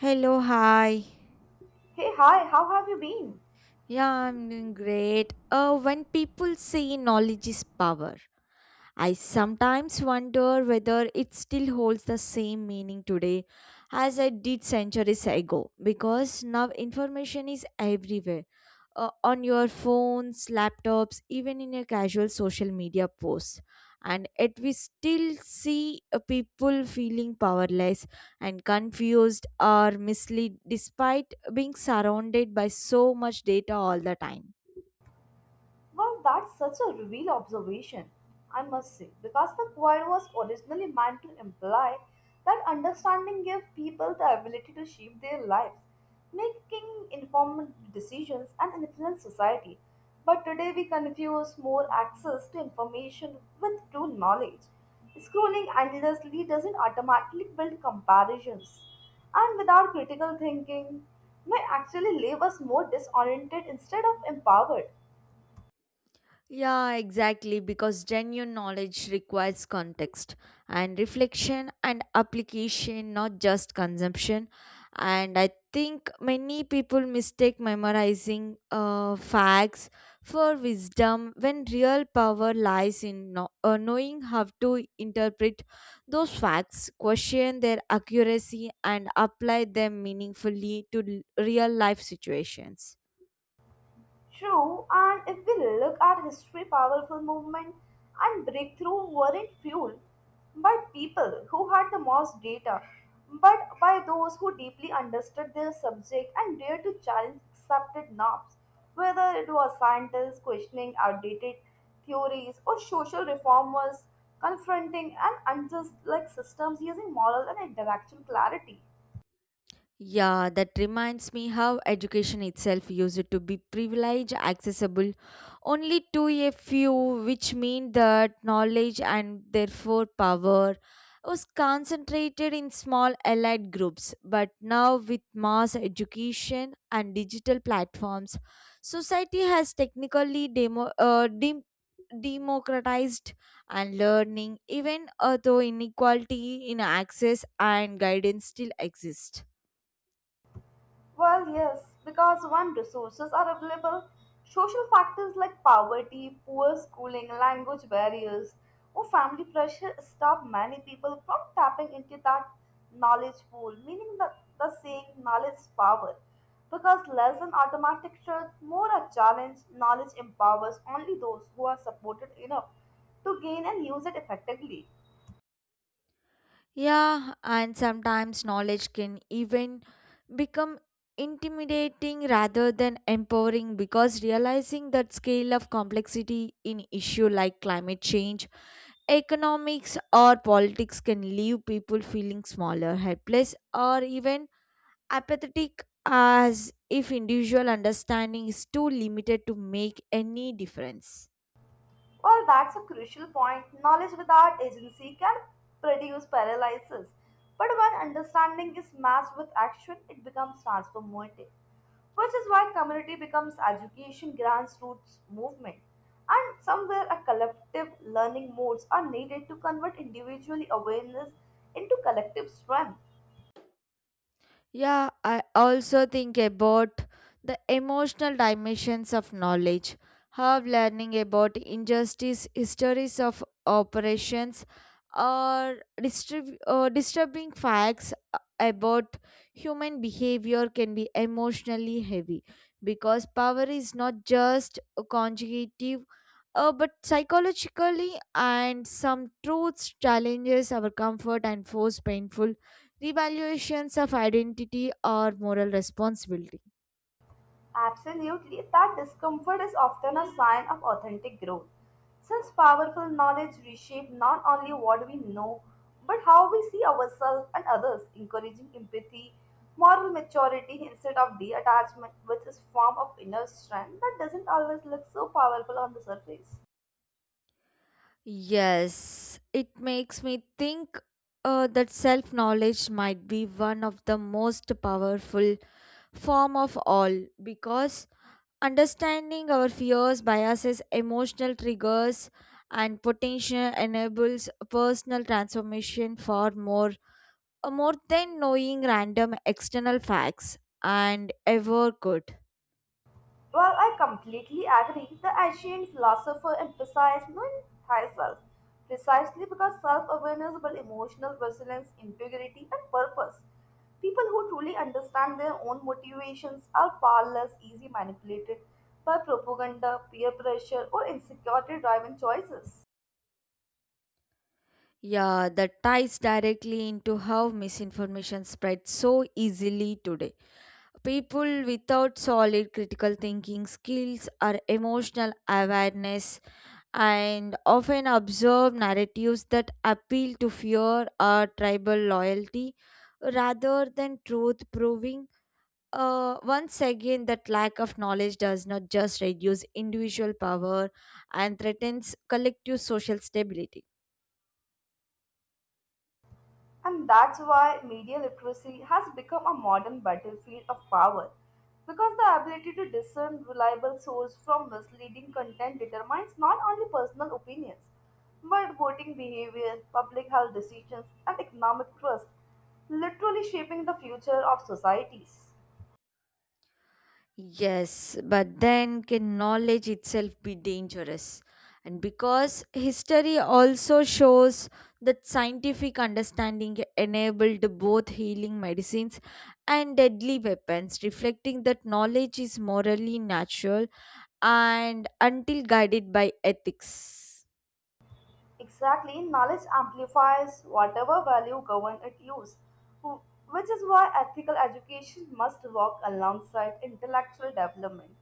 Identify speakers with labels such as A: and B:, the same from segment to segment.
A: Hello, hi.
B: Hey, hi, how have you been?
A: Yeah, I'm doing great. When people say knowledge is power, I sometimes wonder whether it still holds the same meaning today as it did centuries ago because now information is everywhere on your phones, laptops, even in your casual social media posts. And yet, we still see people feeling powerless and confused or misled despite being surrounded by so much data all the time.
B: Well, that's such a real observation, I must say, because the choir was originally meant to imply that understanding gave people the ability to shape their lives, making informed decisions, and influence society. But today we confuse more access to information with true knowledge. Scrolling endlessly doesn't automatically build comparisons, and without critical thinking, may actually leave us more disoriented instead of empowered.
A: Yeah, exactly, because genuine knowledge requires context and reflection and application, not just consumption. And I think many people mistake memorizing facts for wisdom when real power lies in knowing how to interpret those facts, question their accuracy, and apply them meaningfully to real life situations.
B: True, and if we look at history, powerful movement and breakthrough weren't fueled by people who had the most data, but by those who deeply understood their subject and dared to challenge accepted norms, whether it was scientists questioning outdated theories or social reformers confronting an unjust like systems using moral and intellectual clarity.
A: Yeah, that reminds me how education itself used to be privileged, accessible only to a few, which mean that knowledge and therefore power was concentrated in small allied groups. But now, with mass education and digital platforms, society has technically democratized and learning, even though inequality in access and guidance still exist.
B: Well, yes, because when resources are available, social factors like poverty, poor schooling, language barriers, or family pressure stop many people from tapping into that knowledge pool, meaning that the saying knowledge is power. Because less than automatic truth, more a challenge, knowledge empowers only those who are supported enough to gain and use it effectively.
A: Yeah, and sometimes knowledge can even become intimidating rather than empowering because realizing that scale of complexity in issue like climate change, economics or politics can leave people feeling smaller, helpless or even apathetic as if individual understanding is too limited to make any difference.
B: Well, that's a crucial point. Knowledge without agency can produce paralysis. But when understanding is matched with action, it becomes transformative, which is why community becomes education grassroots movement. And somewhere a collective learning modes are needed to convert individual awareness into collective strength.
A: Yeah, I also think about the emotional dimensions of knowledge. How learning about injustice, histories of operations, or disturbing facts about human behavior can be emotionally heavy because power is not just conjugative but psychologically and some truths challenges our comfort and force painful revaluations of identity or moral responsibility.
B: Absolutely, that discomfort is often a sign of authentic growth. Since powerful knowledge reshapes not only what we know, but how we see ourselves and others, encouraging empathy, moral maturity instead of detachment, which is form of inner strength that doesn't always look so powerful on the surface.
A: Yes, it makes me think that self knowledge might be one of the most powerful form of all because understanding our fears, biases, emotional triggers and potential enables personal transformation far more than knowing random external facts and ever could.
B: Well, I completely agree. The ancient philosopher emphasized knowing thyself precisely because self awareness builds emotional resilience, integrity, and purpose. People who truly understand their own motivations are far less easily manipulated by propaganda, peer pressure, or insecurity driven choices.
A: Yeah, that ties directly into how misinformation spreads so easily today. People without solid critical thinking skills or emotional awareness and often observe narratives that appeal to fear or tribal loyalty rather than truth proving. Once again, that lack of knowledge does not just reduce individual power and threatens collective social stability.
B: And that's why media literacy has become a modern battlefield of power. Because the ability to discern reliable source from misleading content determines not only personal opinions, but voting behavior, public health decisions, and economic trust, literally shaping the future of societies.
A: Yes, but then can knowledge itself be dangerous? And because history also shows that scientific understanding enabled both healing medicines and deadly weapons, reflecting that knowledge is morally natural and until guided by ethics.
B: Exactly, knowledge amplifies whatever value government it use, wh- which is why ethical education must work alongside intellectual development.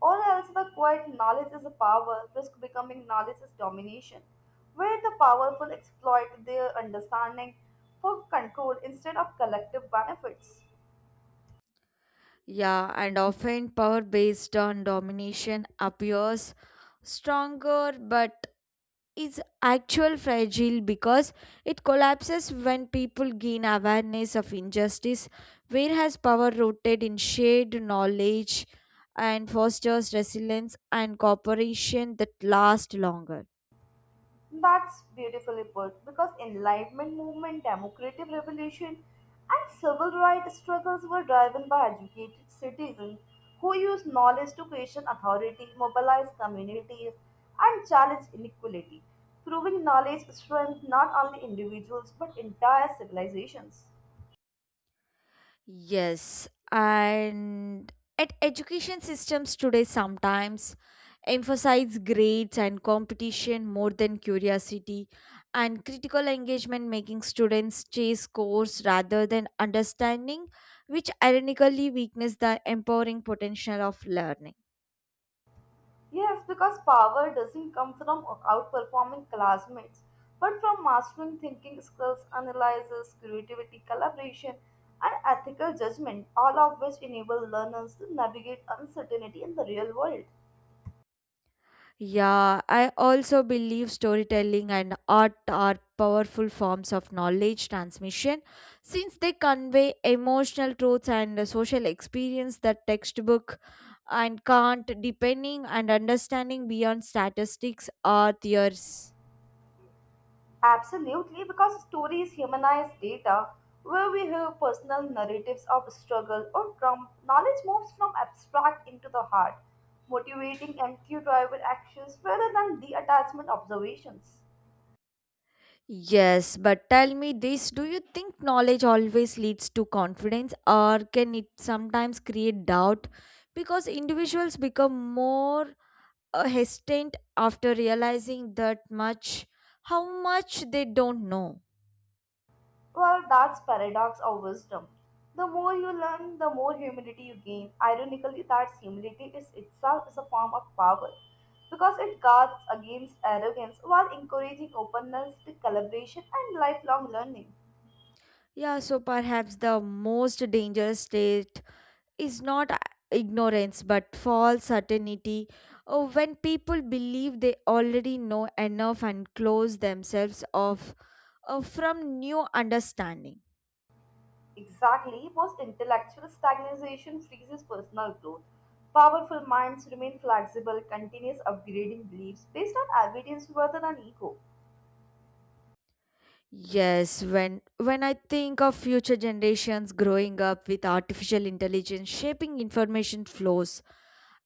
B: Or else, the quiet knowledge is a power, risk becoming knowledge is domination, where the powerful exploit their understanding for control instead of collective benefits.
A: Yeah, and often power based on domination appears stronger but is actual fragile because it collapses when people gain awareness of injustice whereas power rooted in shared knowledge and fosters resilience and cooperation that last longer.
B: That's beautifully put because Enlightenment movement, democratic revolution, and civil rights struggles were driven by educated citizens who used knowledge to question authority, mobilize communities, and challenge inequality, proving knowledge strength not only individuals but entire civilizations.
A: Yes, and at education systems today sometimes emphasize grades and competition more than curiosity and critical engagement making students chase scores rather than understanding which ironically weakens the empowering potential of learning.
B: Yes, because power doesn't come from outperforming classmates, but from mastering thinking skills, analysis, creativity, collaboration, and ethical judgment, all of which enable learners to navigate uncertainty in the real world.
A: Yeah, I also believe storytelling and art are powerful forms of knowledge transmission since they convey emotional truths and the social experience that textbook and can't depending and understanding beyond statistics or theories.
B: Absolutely, because stories humanize data, where we hear personal narratives of struggle or trauma, knowledge moves from abstract into the heart, motivating and cue driven actions rather than detachment observations.
A: Yes, but tell me this, do you think knowledge always leads to confidence or can it sometimes create doubt because individuals become more hesitant after realizing that much how much they don't know?
B: Well, that's paradox of wisdom. The more you learn, the more humility you gain. Ironically, that humility is itself is a form of power because it guards against arrogance while encouraging openness to collaboration and lifelong learning.
A: Yeah, so perhaps the most dangerous state is not ignorance but false certainty, when people believe they already know enough and close themselves off from new understanding.
B: Exactly, most intellectual stagnation freezes personal growth. Powerful minds remain flexible, continuous upgrading beliefs based on evidence rather than ego.
A: Yes, when I think of future generations growing up with artificial intelligence shaping information flows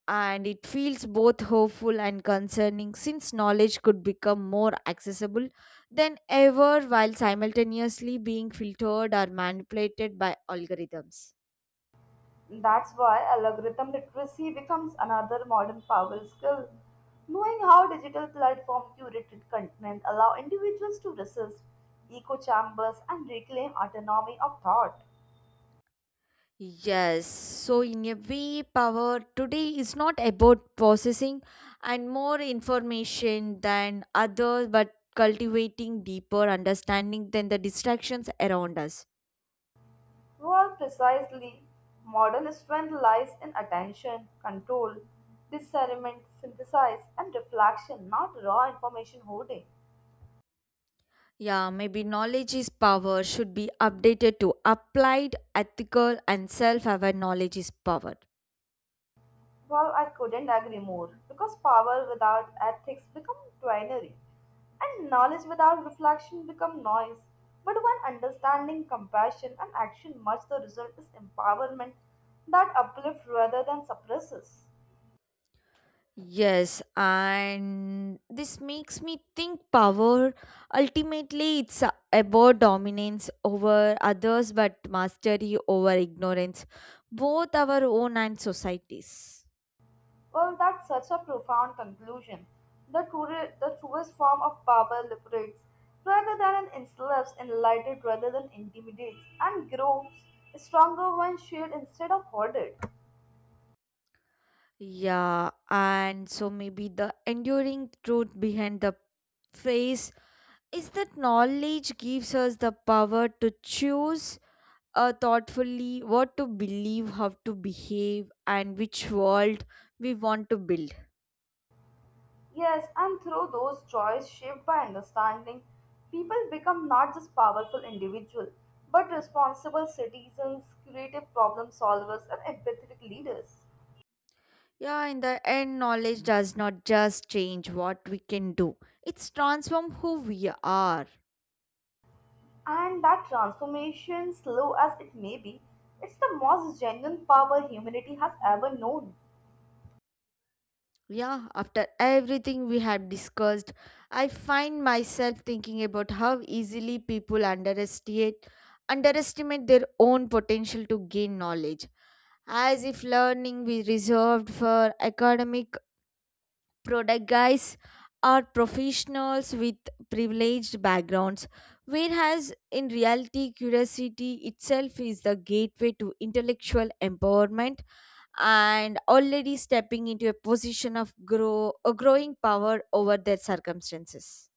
A: and it feels both hopeful and concerning since knowledge could become more accessible than ever while simultaneously being filtered or manipulated by algorithms.
B: That's why algorithm literacy becomes another modern power skill. Knowing how digital platform curated content allow individuals to resist echo chambers and reclaim autonomy of thought.
A: Yes, so in a way, power today is not about processing and more information than others but cultivating deeper understanding than the distractions around us.
B: Well, precisely, modern strength lies in attention, control, discernment, synthesis, and reflection, not raw information hoarding.
A: Yeah, maybe knowledge is power should be updated to applied, ethical, and self aware knowledge is power.
B: Well, I couldn't agree more because power without ethics becomes twinery and knowledge without reflection becomes noise. But when understanding, compassion, and action merge, the result is empowerment that uplifts rather than suppresses.
A: Yes, and this makes me think power ultimately about dominance over others but mastery over ignorance, both our own and societies.
B: Well, that's such a profound conclusion. The, true, the truest form of power liberates rather than enslaves, enlightens rather than intimidates, and grows stronger when shared instead of hoarded.
A: Yeah, and so maybe the enduring truth behind the phrase is that knowledge gives us the power to choose thoughtfully what to believe, how to behave, and which world we want to build.
B: Yes, and through those choice shaped by understanding, people become not just powerful individuals, but responsible citizens, creative problem solvers, and empathetic leaders.
A: Yeah, in the end, knowledge does not just change what we can do, it's transform who we are.
B: And that transformation, slow as it may be, it's the most genuine power humanity has ever known.
A: Yeah, after everything we have discussed, I find myself thinking about how easily people underestimate their own potential to gain knowledge as if learning be reserved for academic prodigies or professionals with privileged backgrounds, whereas in reality, curiosity itself is the gateway to intellectual empowerment and already stepping into a position of growing power over their circumstances.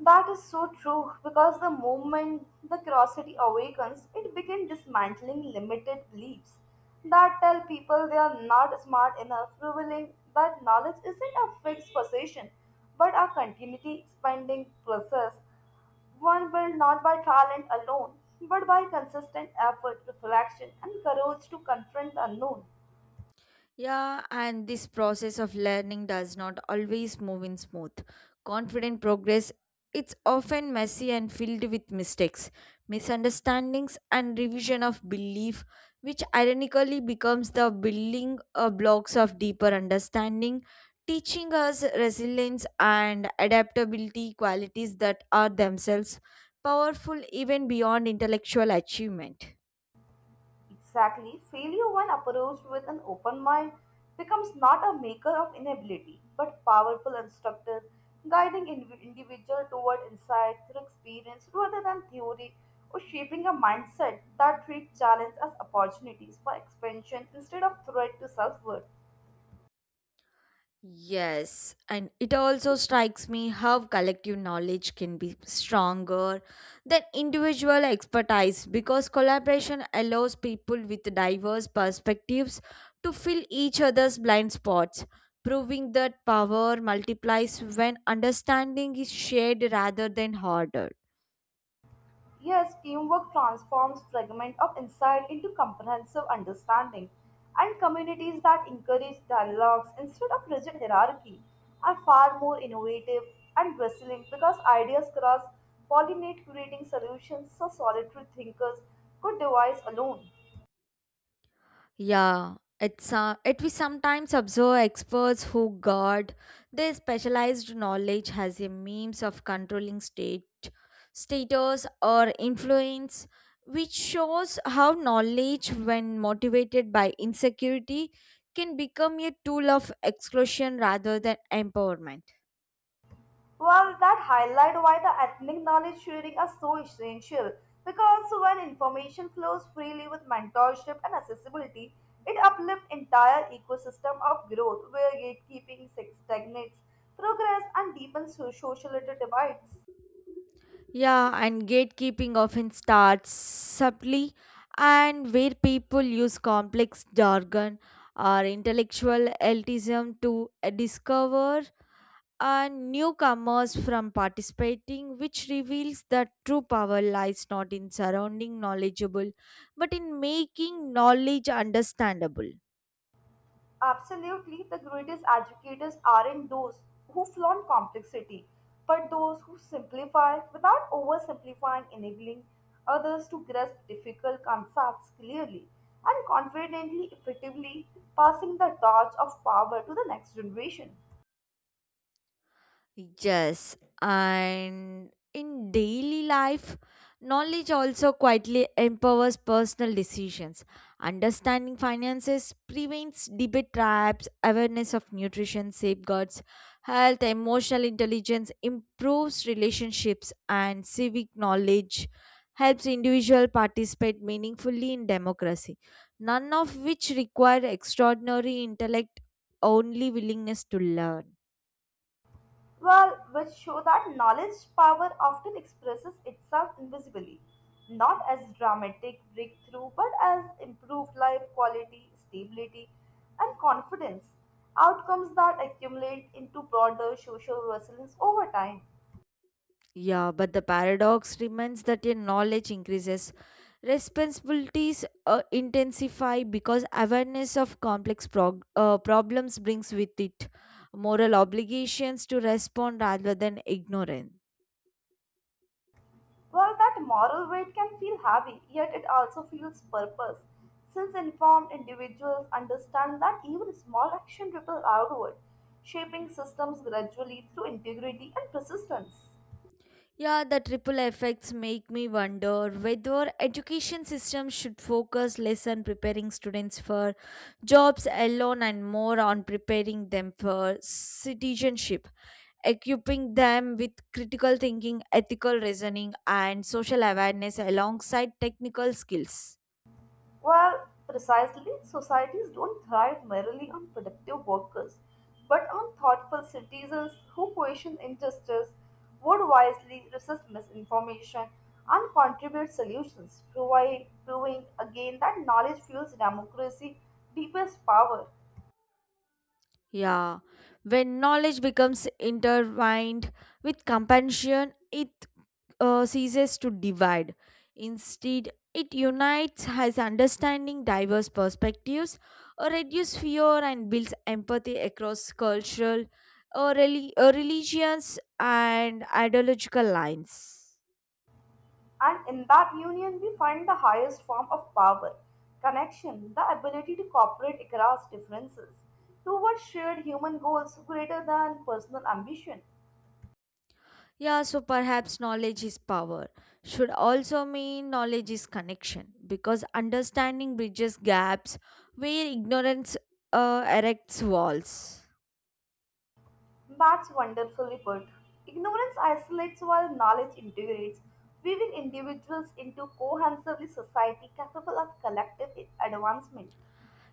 B: That is so true because the moment the curiosity awakens, it begins dismantling limited beliefs that tell people they are not smart enough, revealing that knowledge isn't a fixed possession but a continuity expanding process one built not by talent alone but by consistent effort, reflection, and courage to confront the unknown.
A: Yeah, and this process of learning does not always move in smooth. Confident progress it's often messy and filled with mistakes, misunderstandings and revision of belief which ironically becomes the building blocks of deeper understanding, teaching us resilience and adaptability qualities that are themselves powerful even beyond intellectual achievement.
B: Exactly. Failure, when approached with an open mind, becomes not a maker of inability, but powerful instructor, guiding individual toward insight through experience rather than theory, or shaping a mindset that treats challenge as opportunities for expansion instead of threat to self-worth.
A: Yes, and it also strikes me how collective knowledge can be stronger than individual expertise because collaboration allows people with diverse perspectives to fill each other's blind spots, proving that power multiplies when understanding is shared rather than hoarded.
B: Yes, teamwork transforms fragment of insight into comprehensive understanding, and communities that encourage dialogues instead of rigid hierarchy are far more innovative and bustling because ideas cross pollinate, creating solutions so solitary thinkers could devise alone.
A: Yeah, it's it we sometimes observe experts who guard their specialized knowledge as a means of controlling state status or influence, which shows how knowledge, when motivated by insecurity, can become a tool of exclusion rather than empowerment.
B: Well, that highlight why the ethnic knowledge sharing are so essential because when information flows freely with mentorship and accessibility, it uplifts entire ecosystem of growth where gatekeeping stagnates progress and deepens social divides.
A: Yeah, and gatekeeping often starts subtly, and where people use complex jargon or intellectual elitism to discover and newcomers from participating, which reveals that true power lies not in surrounding knowledgeable but in making knowledge understandable.
B: Absolutely, the greatest educators aren't those who flaunt complexity, but those who simplify without oversimplifying, enabling others to grasp difficult concepts clearly and confidently, effectively passing the torch of power to the next generation.
A: Yes, and in daily life, knowledge also quietly empowers personal decisions. Understanding finances prevents debit traps, awareness of nutrition safeguards, health, emotional intelligence improves relationships, and civic knowledge helps individual participate meaningfully in democracy. None of which require extraordinary intellect, only willingness to learn.
B: Well, which show that knowledge power often expresses itself invisibly, not as dramatic breakthrough, but as improved life quality, stability, and confidence, outcomes that accumulate into broader social resilience over time.
A: Yeah, but the paradox remains that your knowledge increases. Responsibilities intensify because awareness of complex problems brings with it moral obligations to respond rather than ignorance.
B: Well, that moral weight can feel heavy, yet it also feels purpose, since informed individuals understand that even small action ripple outward, shaping systems gradually through integrity and persistence.
A: Yeah, the triple effects make me wonder whether education system should focus less on preparing students for jobs alone and more on preparing them for citizenship, equipping them with critical thinking, ethical reasoning and social awareness alongside technical skills.
B: Well, precisely, societies don't thrive merely on productive workers, but on thoughtful citizens who question injustice, would wisely resist misinformation, and contribute solutions, provide, proving again that knowledge fuels democracy, deepest power.
A: Yeah, when knowledge becomes intertwined with compassion, it ceases to divide. Instead, it unites, has understanding, diverse perspectives, reduces fear, and builds empathy across cultural, religions, and ideological lines.
B: And in that union, we find the highest form of power connection, the ability to cooperate across differences towards shared human goals greater than personal ambition.
A: Yeah, so perhaps knowledge is power should also mean knowledge is connection because understanding bridges gaps where ignorance erects walls.
B: That's wonderfully put. Ignorance isolates while knowledge integrates, weaving individuals into cohesively society capable of collective advancement.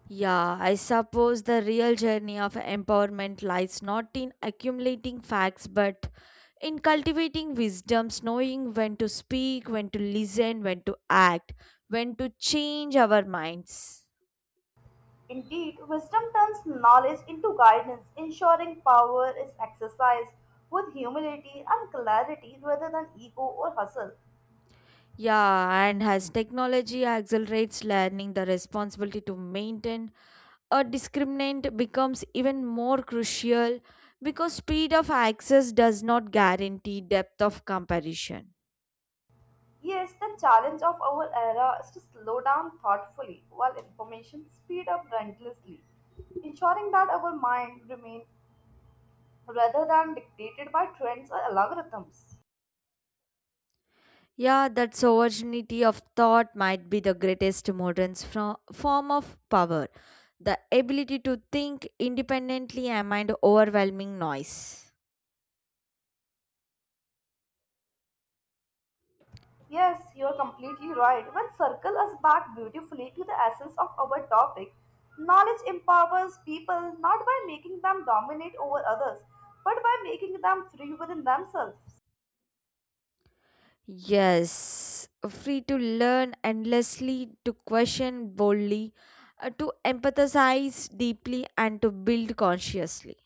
A: Yeah, I suppose the real journey of empowerment lies not in accumulating facts but in cultivating wisdoms, knowing when to speak, when to listen, when to act, when to change our minds.
B: Indeed, wisdom turns knowledge into guidance, ensuring power is exercised with humility and clarity rather than ego or hustle.
A: Yeah, and as technology accelerates learning, the responsibility to maintain a discriminant becomes even more crucial because speed of access does not guarantee depth of comparison.
B: Yes, the challenge of our era is to slow down thoughtfully while information speed up relentlessly ensuring that our mind remains rather than dictated by trends or algorithms.
A: Yeah, that sovereignty of thought might be the greatest modern form of power, the ability to think independently amid overwhelming noise.
B: Yes, you are completely right. When circle us back beautifully to the essence of our topic, knowledge empowers people not by making them dominate over others, but by making them free within themselves.
A: Yes, free to learn endlessly, to question boldly, to empathize deeply, and to build consciously.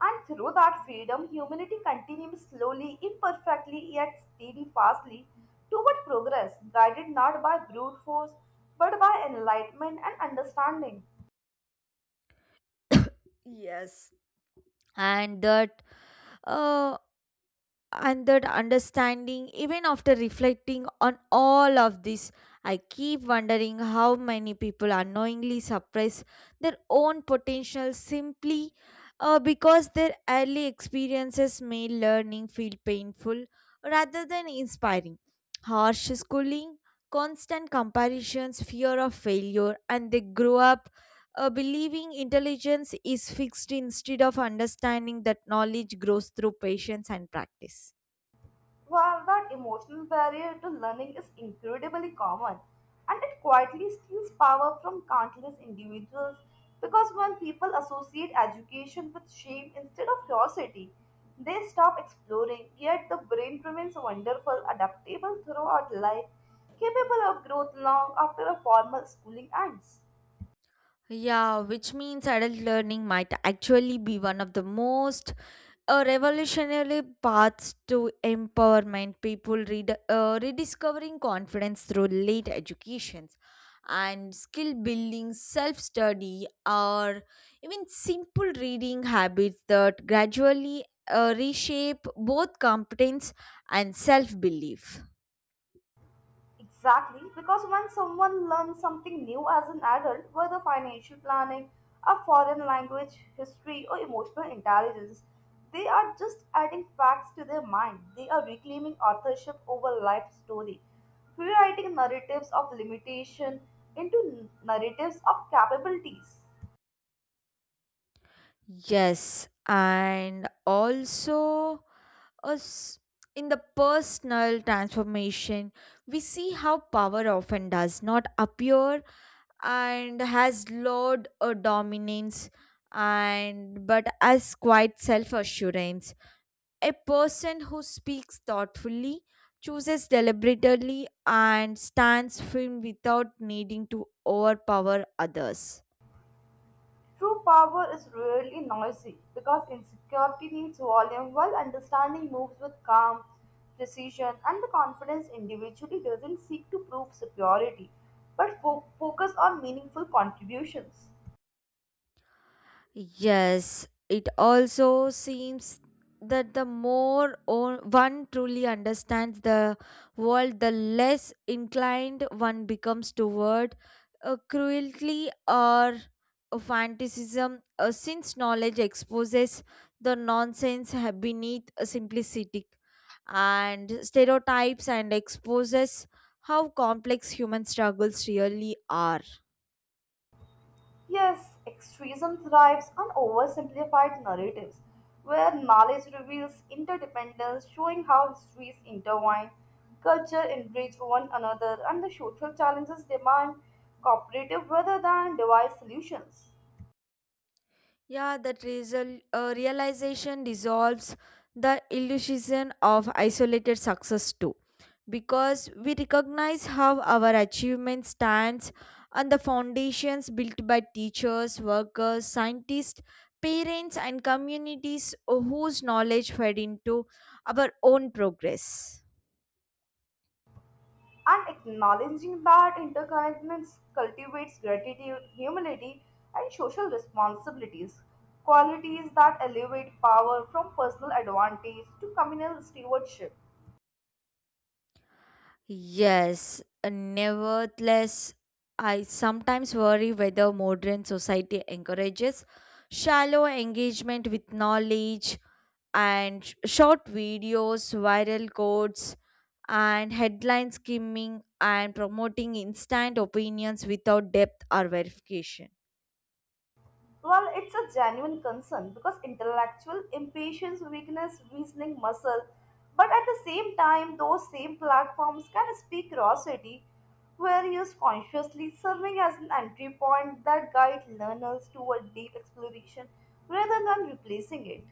B: And through that freedom, humanity continues slowly, imperfectly, yet steadfastly toward progress, guided not by brute force, but by enlightenment and understanding.
A: Yes. And that uh, and that understanding even after reflecting on all of this, I keep wondering how many people unknowingly suppress their own potential simply because their early experiences made learning feel painful rather than inspiring, harsh schooling, constant comparisons, fear of failure, and they grow up believing intelligence is fixed instead of understanding that knowledge grows through patience and practice.
B: Well, that emotional barrier to learning is incredibly common and it quietly steals power from countless individuals because when people associate education with shame instead of curiosity, they stop exploring, yet the brain remains wonderful, adaptable throughout life, capable of growth long after a formal schooling ends.
A: Yeah, which means adult learning might actually be one of the most revolutionary paths to empowerment. People rediscovering confidence through late educations and skill building, self study, or even simple reading habits that gradually reshape both competence and self belief.
B: Exactly, because when someone learns something new as an adult, whether financial planning, a foreign language, history, or emotional intelligence, they are just adding facts to their mind. They are reclaiming authorship over life story, rewriting narratives of limitation into narratives of capabilities.
A: Yes, and also us in the personal transformation, we see how power often does not appear and has loud dominance and but as quiet self-assurance, a person who speaks thoughtfully, chooses deliberately and stands firm without needing to overpower others.
B: True power is rarely noisy because insecurity needs volume while understanding moves with calm, precision, and the confidence individually doesn't seek to prove superiority but focus on meaningful contributions.
A: Yes, it also seems that the more one truly understands the world, the less inclined one becomes toward cruelty or fanaticism, since knowledge exposes the nonsense beneath a simplicity and stereotypes and exposes how complex human struggles really are.
B: Yes, extremism thrives on oversimplified narratives where knowledge reveals interdependence, showing how histories intertwine, culture enrich one another, and the social challenges demand cooperative rather than device solutions.
A: Yeah, that realization dissolves the illusion of isolated success too, because we recognize how our achievement stands on the foundations built by teachers, workers, scientists, parents, and communities whose knowledge fed into our own progress.
B: And acknowledging that interconnectedness cultivates gratitude, humility, and social responsibilities, qualities that elevate power from personal advantage to communal stewardship.
A: Yes, nevertheless, I sometimes worry whether modern society encourages shallow engagement with knowledge and short videos, viral quotes, and headline skimming and promoting instant opinions without depth or verification.
B: Well, it's a genuine concern because intellectual impatience weakness reasoning muscle. But at the same time, those same platforms can speak curiosity where used consciously, serving as an entry point that guide learners toward deep exploration rather than replacing it.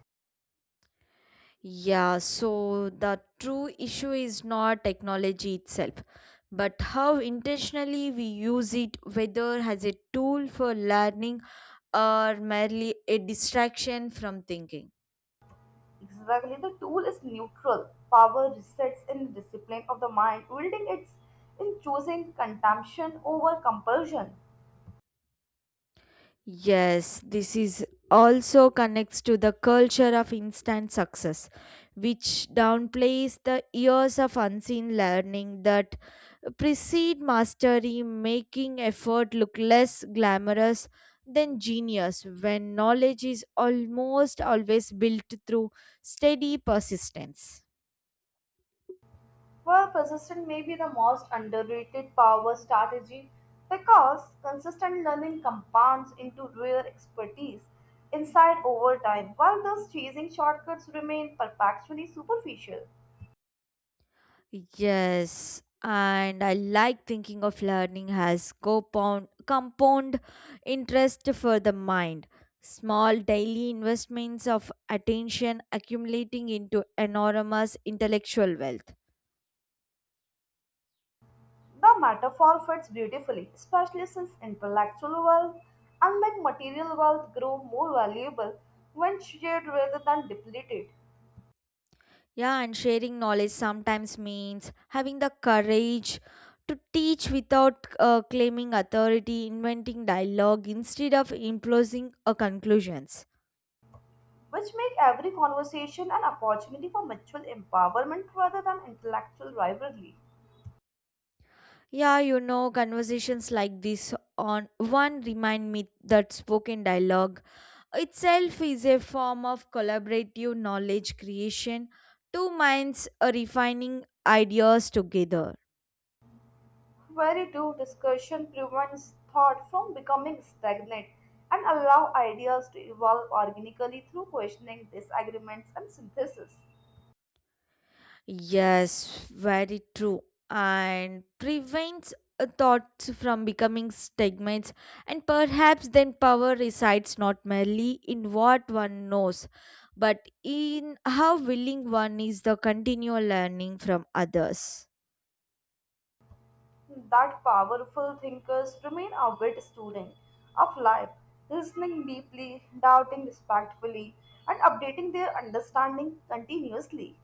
A: Yeah, so the true issue is not technology itself, but how intentionally we use it, whether as a tool for learning or merely a distraction from thinking.
B: Exactly, the tool is neutral. Power resides in the discipline of the mind, wielding it in choosing consumption over compulsion.
A: Yes, this is also connects to the culture of instant success, which downplays the years of unseen learning that precede mastery, making effort look less glamorous than genius when knowledge is almost always built through steady persistence.
B: Well, persistent may be the most underrated power strategy because consistent learning compounds into rare expertise inside over time, while those chasing shortcuts remain perpetually superficial.
A: Yes, and I like thinking of learning as compound interest for the mind. Small daily investments of attention accumulating into enormous intellectual wealth.
B: The metaphor fits beautifully, especially since intellectual wealth, unlike material wealth, grow more valuable when shared rather than depleted,
A: Yeah, and sharing knowledge sometimes means having the courage to teach without claiming authority, inventing dialogue instead of imposing conclusions.
B: which make every conversation an opportunity for mutual empowerment rather than intellectual rivalry.
A: Yeah, you know, conversations like this on one remind me that spoken dialogue itself is a form of collaborative knowledge creation, two minds refining ideas together.
B: Very true, discussion prevents thought from becoming stagnant and allow ideas to evolve organically through questioning, disagreements, and synthesis.
A: Yes, very true. And prevents thoughts from becoming stigmas. And perhaps then power resides not merely in what one knows, but in how willing one is the continual learning from others.
B: That powerful thinkers remain avid student of life, listening deeply, doubting respectfully, and updating their understanding continuously.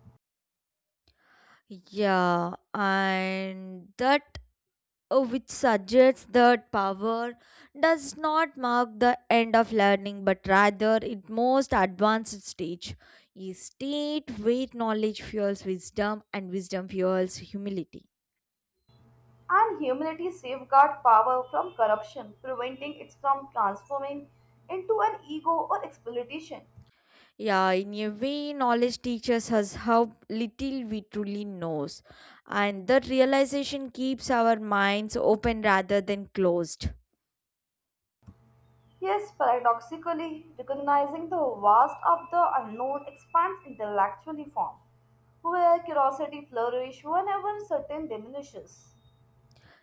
A: Yeah, and that which suggests that power does not mark the end of learning but rather its most advanced stage, a state where knowledge fuels wisdom and wisdom fuels humility.
B: And humility safeguard power from corruption, preventing it from transforming into an ego or exploitation.
A: Yeah, in a way knowledge teaches us how little we truly knows, and that realization keeps our minds open rather than closed.
B: Yes, paradoxically, recognizing the vast of the unknown expands intellectually form, where curiosity flourishes whenever certain diminishes.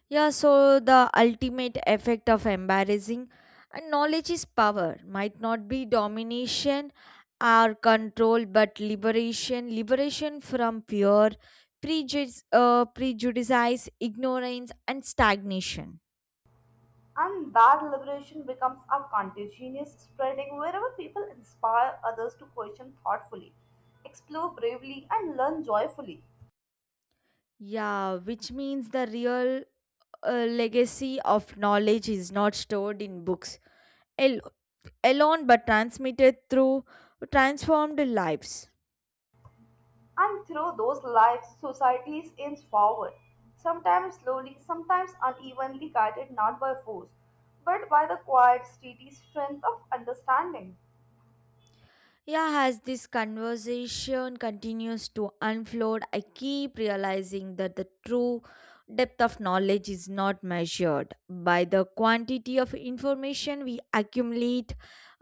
A: Yeah, so the ultimate effect of embarrassing and knowledge is power, might not be domination or control, but liberation, liberation from fear, prejudice, ignorance, and stagnation.
B: And that liberation becomes a contagious spreading wherever people inspire others to question thoughtfully, explore bravely, and learn joyfully.
A: Yeah, which means the real legacy of knowledge is not stored in books al- alone, but transmitted through transformed lives.
B: And through those lives, societies inch forward, sometimes slowly, sometimes unevenly, guided not by force, but by the quiet, steady strength of understanding.
A: Yeah, as this conversation continues to unfold, I keep realizing that the true depth of knowledge is not measured by the quantity of information we accumulate,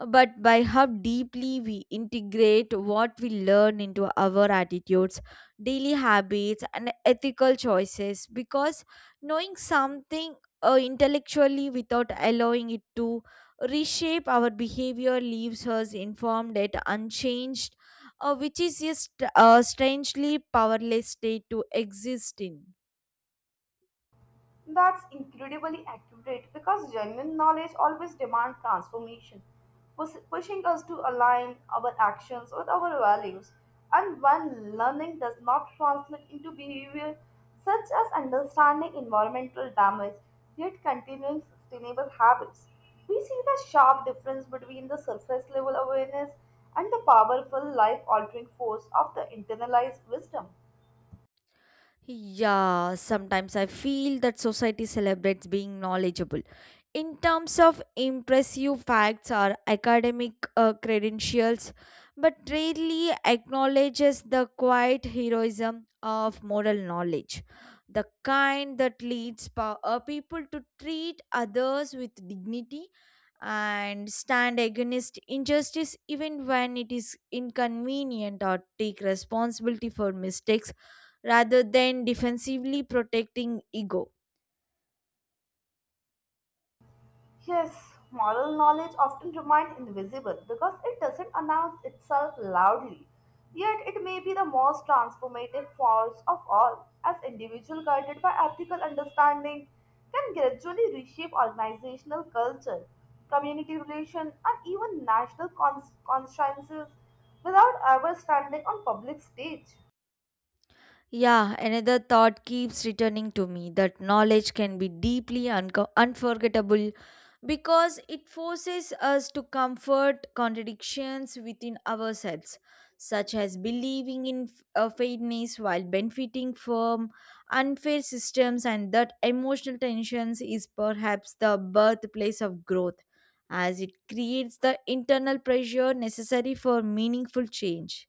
A: but by how deeply we integrate what we learn into our attitudes, daily habits, and ethical choices. Because knowing something intellectually without allowing it to reshape our behavior leaves us informed yet unchanged, which is a strangely powerless state to exist in.
B: That's incredibly accurate because genuine knowledge always demands transformation, pushing us to align our actions with our values. And when learning does not translate into behavior, such as understanding environmental damage yet continuing sustainable habits, we see the sharp difference between the surface level awareness and the powerful life altering force of the internalized wisdom.
A: Yeah, sometimes I feel that society celebrates being knowledgeable in terms of impressive facts or academic credentials, but rarely acknowledges the quiet heroism of moral knowledge, the kind that leads people to treat others with dignity and stand against injustice even when it is inconvenient or take responsibility for mistakes rather than defensively protecting ego.
B: Yes, moral knowledge often remains invisible because it doesn't announce itself loudly. Yet it may be the most transformative force of all, as individuals guided by ethical understanding can gradually reshape organizational culture, community relations, and even national consciences without ever standing on public stage.
A: Yeah, another thought keeps returning to me that knowledge can be deeply unforgettable because it forces us to comfort contradictions within ourselves, such as believing in fairness while benefiting from unfair systems, and that emotional tensions is perhaps the birthplace of growth, as it creates the internal pressure necessary for meaningful change.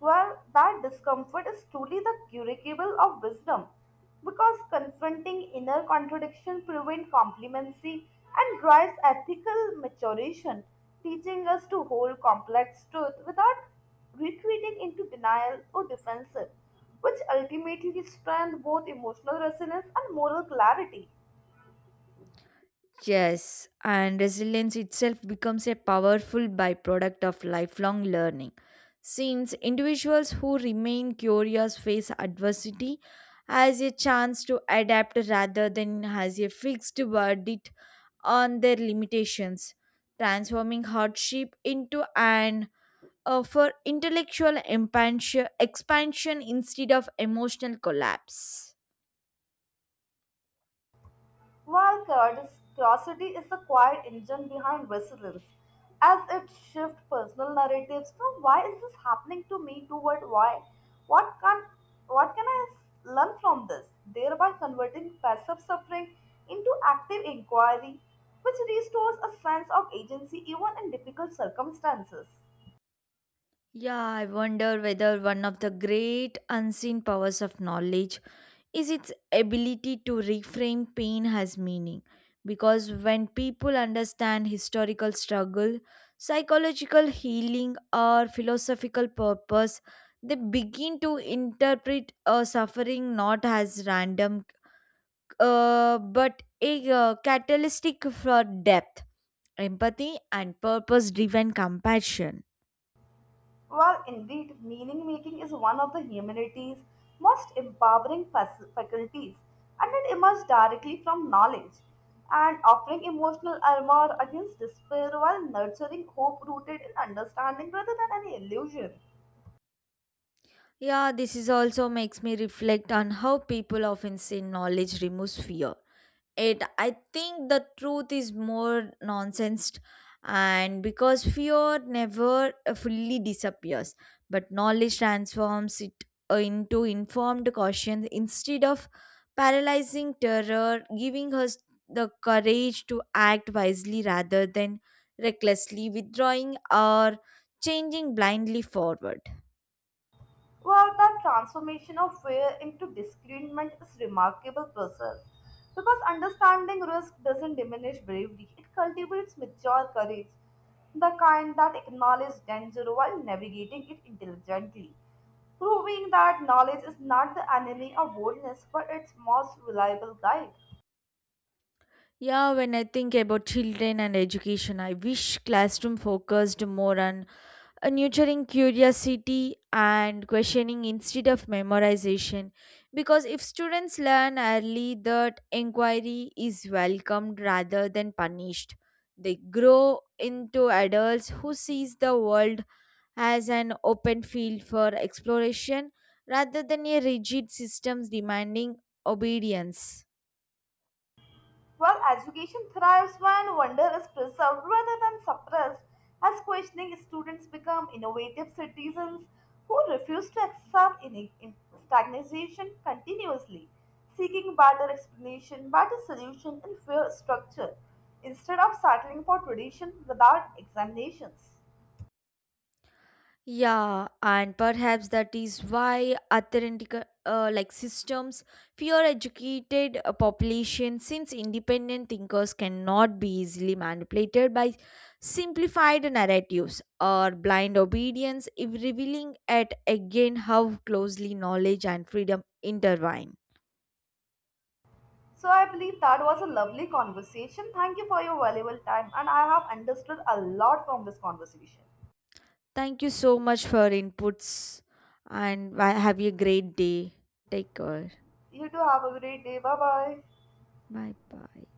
B: Well, that discomfort is truly the curricle of wisdom because confronting inner contradiction prevents complacency and drives ethical maturation, teaching us to hold complex truth without retreating into denial or defensive, which ultimately strengthens both emotional resonance and moral clarity.
A: Yes, and resilience itself becomes a powerful byproduct of lifelong learning. Since individuals who remain curious face adversity as a chance to adapt rather than as a fixed verdict on their limitations, transforming hardship into an for intellectual expansion instead of emotional collapse.
B: While curiosity is the quiet engine behind resilience, as it shifts personal narratives from why is this happening to me toward why, what can, what can I learn from this, thereby converting passive suffering into active inquiry, which restores a sense of agency even in difficult circumstances.
A: Yeah, I wonder whether one of the great unseen powers of knowledge is its ability to reframe pain as meaning. Because when people understand historical struggle, psychological healing, or philosophical purpose, they begin to interpret suffering not as random but a catalytic for depth, empathy, and purpose driven compassion.
B: Well, indeed, meaning making is one of the humanity's most empowering faculties, and it emerges directly from knowledge and offering emotional armor against despair while nurturing hope rooted in understanding rather than any illusion.
A: Yeah, this is also makes me reflect on how people often say knowledge removes fear. It I think the truth is more nonsense and because fear never fully disappears, but knowledge transforms it into informed caution instead of paralyzing terror, giving us the courage to act wisely rather than recklessly withdrawing or changing blindly forward.
B: Well, the transformation of fear into discernment is remarkable process because understanding risk doesn't diminish bravery; it cultivates mature courage, the kind that acknowledges danger while navigating it intelligently, proving that knowledge is not the enemy of boldness but its most reliable guide.
A: Yeah, when I think about children and education, I wish classroom focused more on nurturing curiosity and questioning instead of memorization. Because if students learn early that inquiry is welcomed rather than punished, they grow into adults who sees the world as an open field for exploration rather than a rigid system demanding obedience.
B: While education thrives when wonder is preserved rather than suppressed. As questioning students become innovative citizens who refuse to accept stagnation continuously, seeking better explanation, better solution, and fair structure instead of settling for tradition without examinations.
A: Yeah, and perhaps that is why authentic like systems fear educated population since independent thinkers cannot be easily manipulated by simplified narratives or blind obedience if revealing at again how closely knowledge and freedom intertwine.
B: So, I believe that was a lovely conversation. Thank you for your valuable time, and I have understood a lot from this conversation.
A: Thank you so much for inputs and bye- have a great day. Take care.
B: You too have a great day. Bye bye.
A: Bye bye.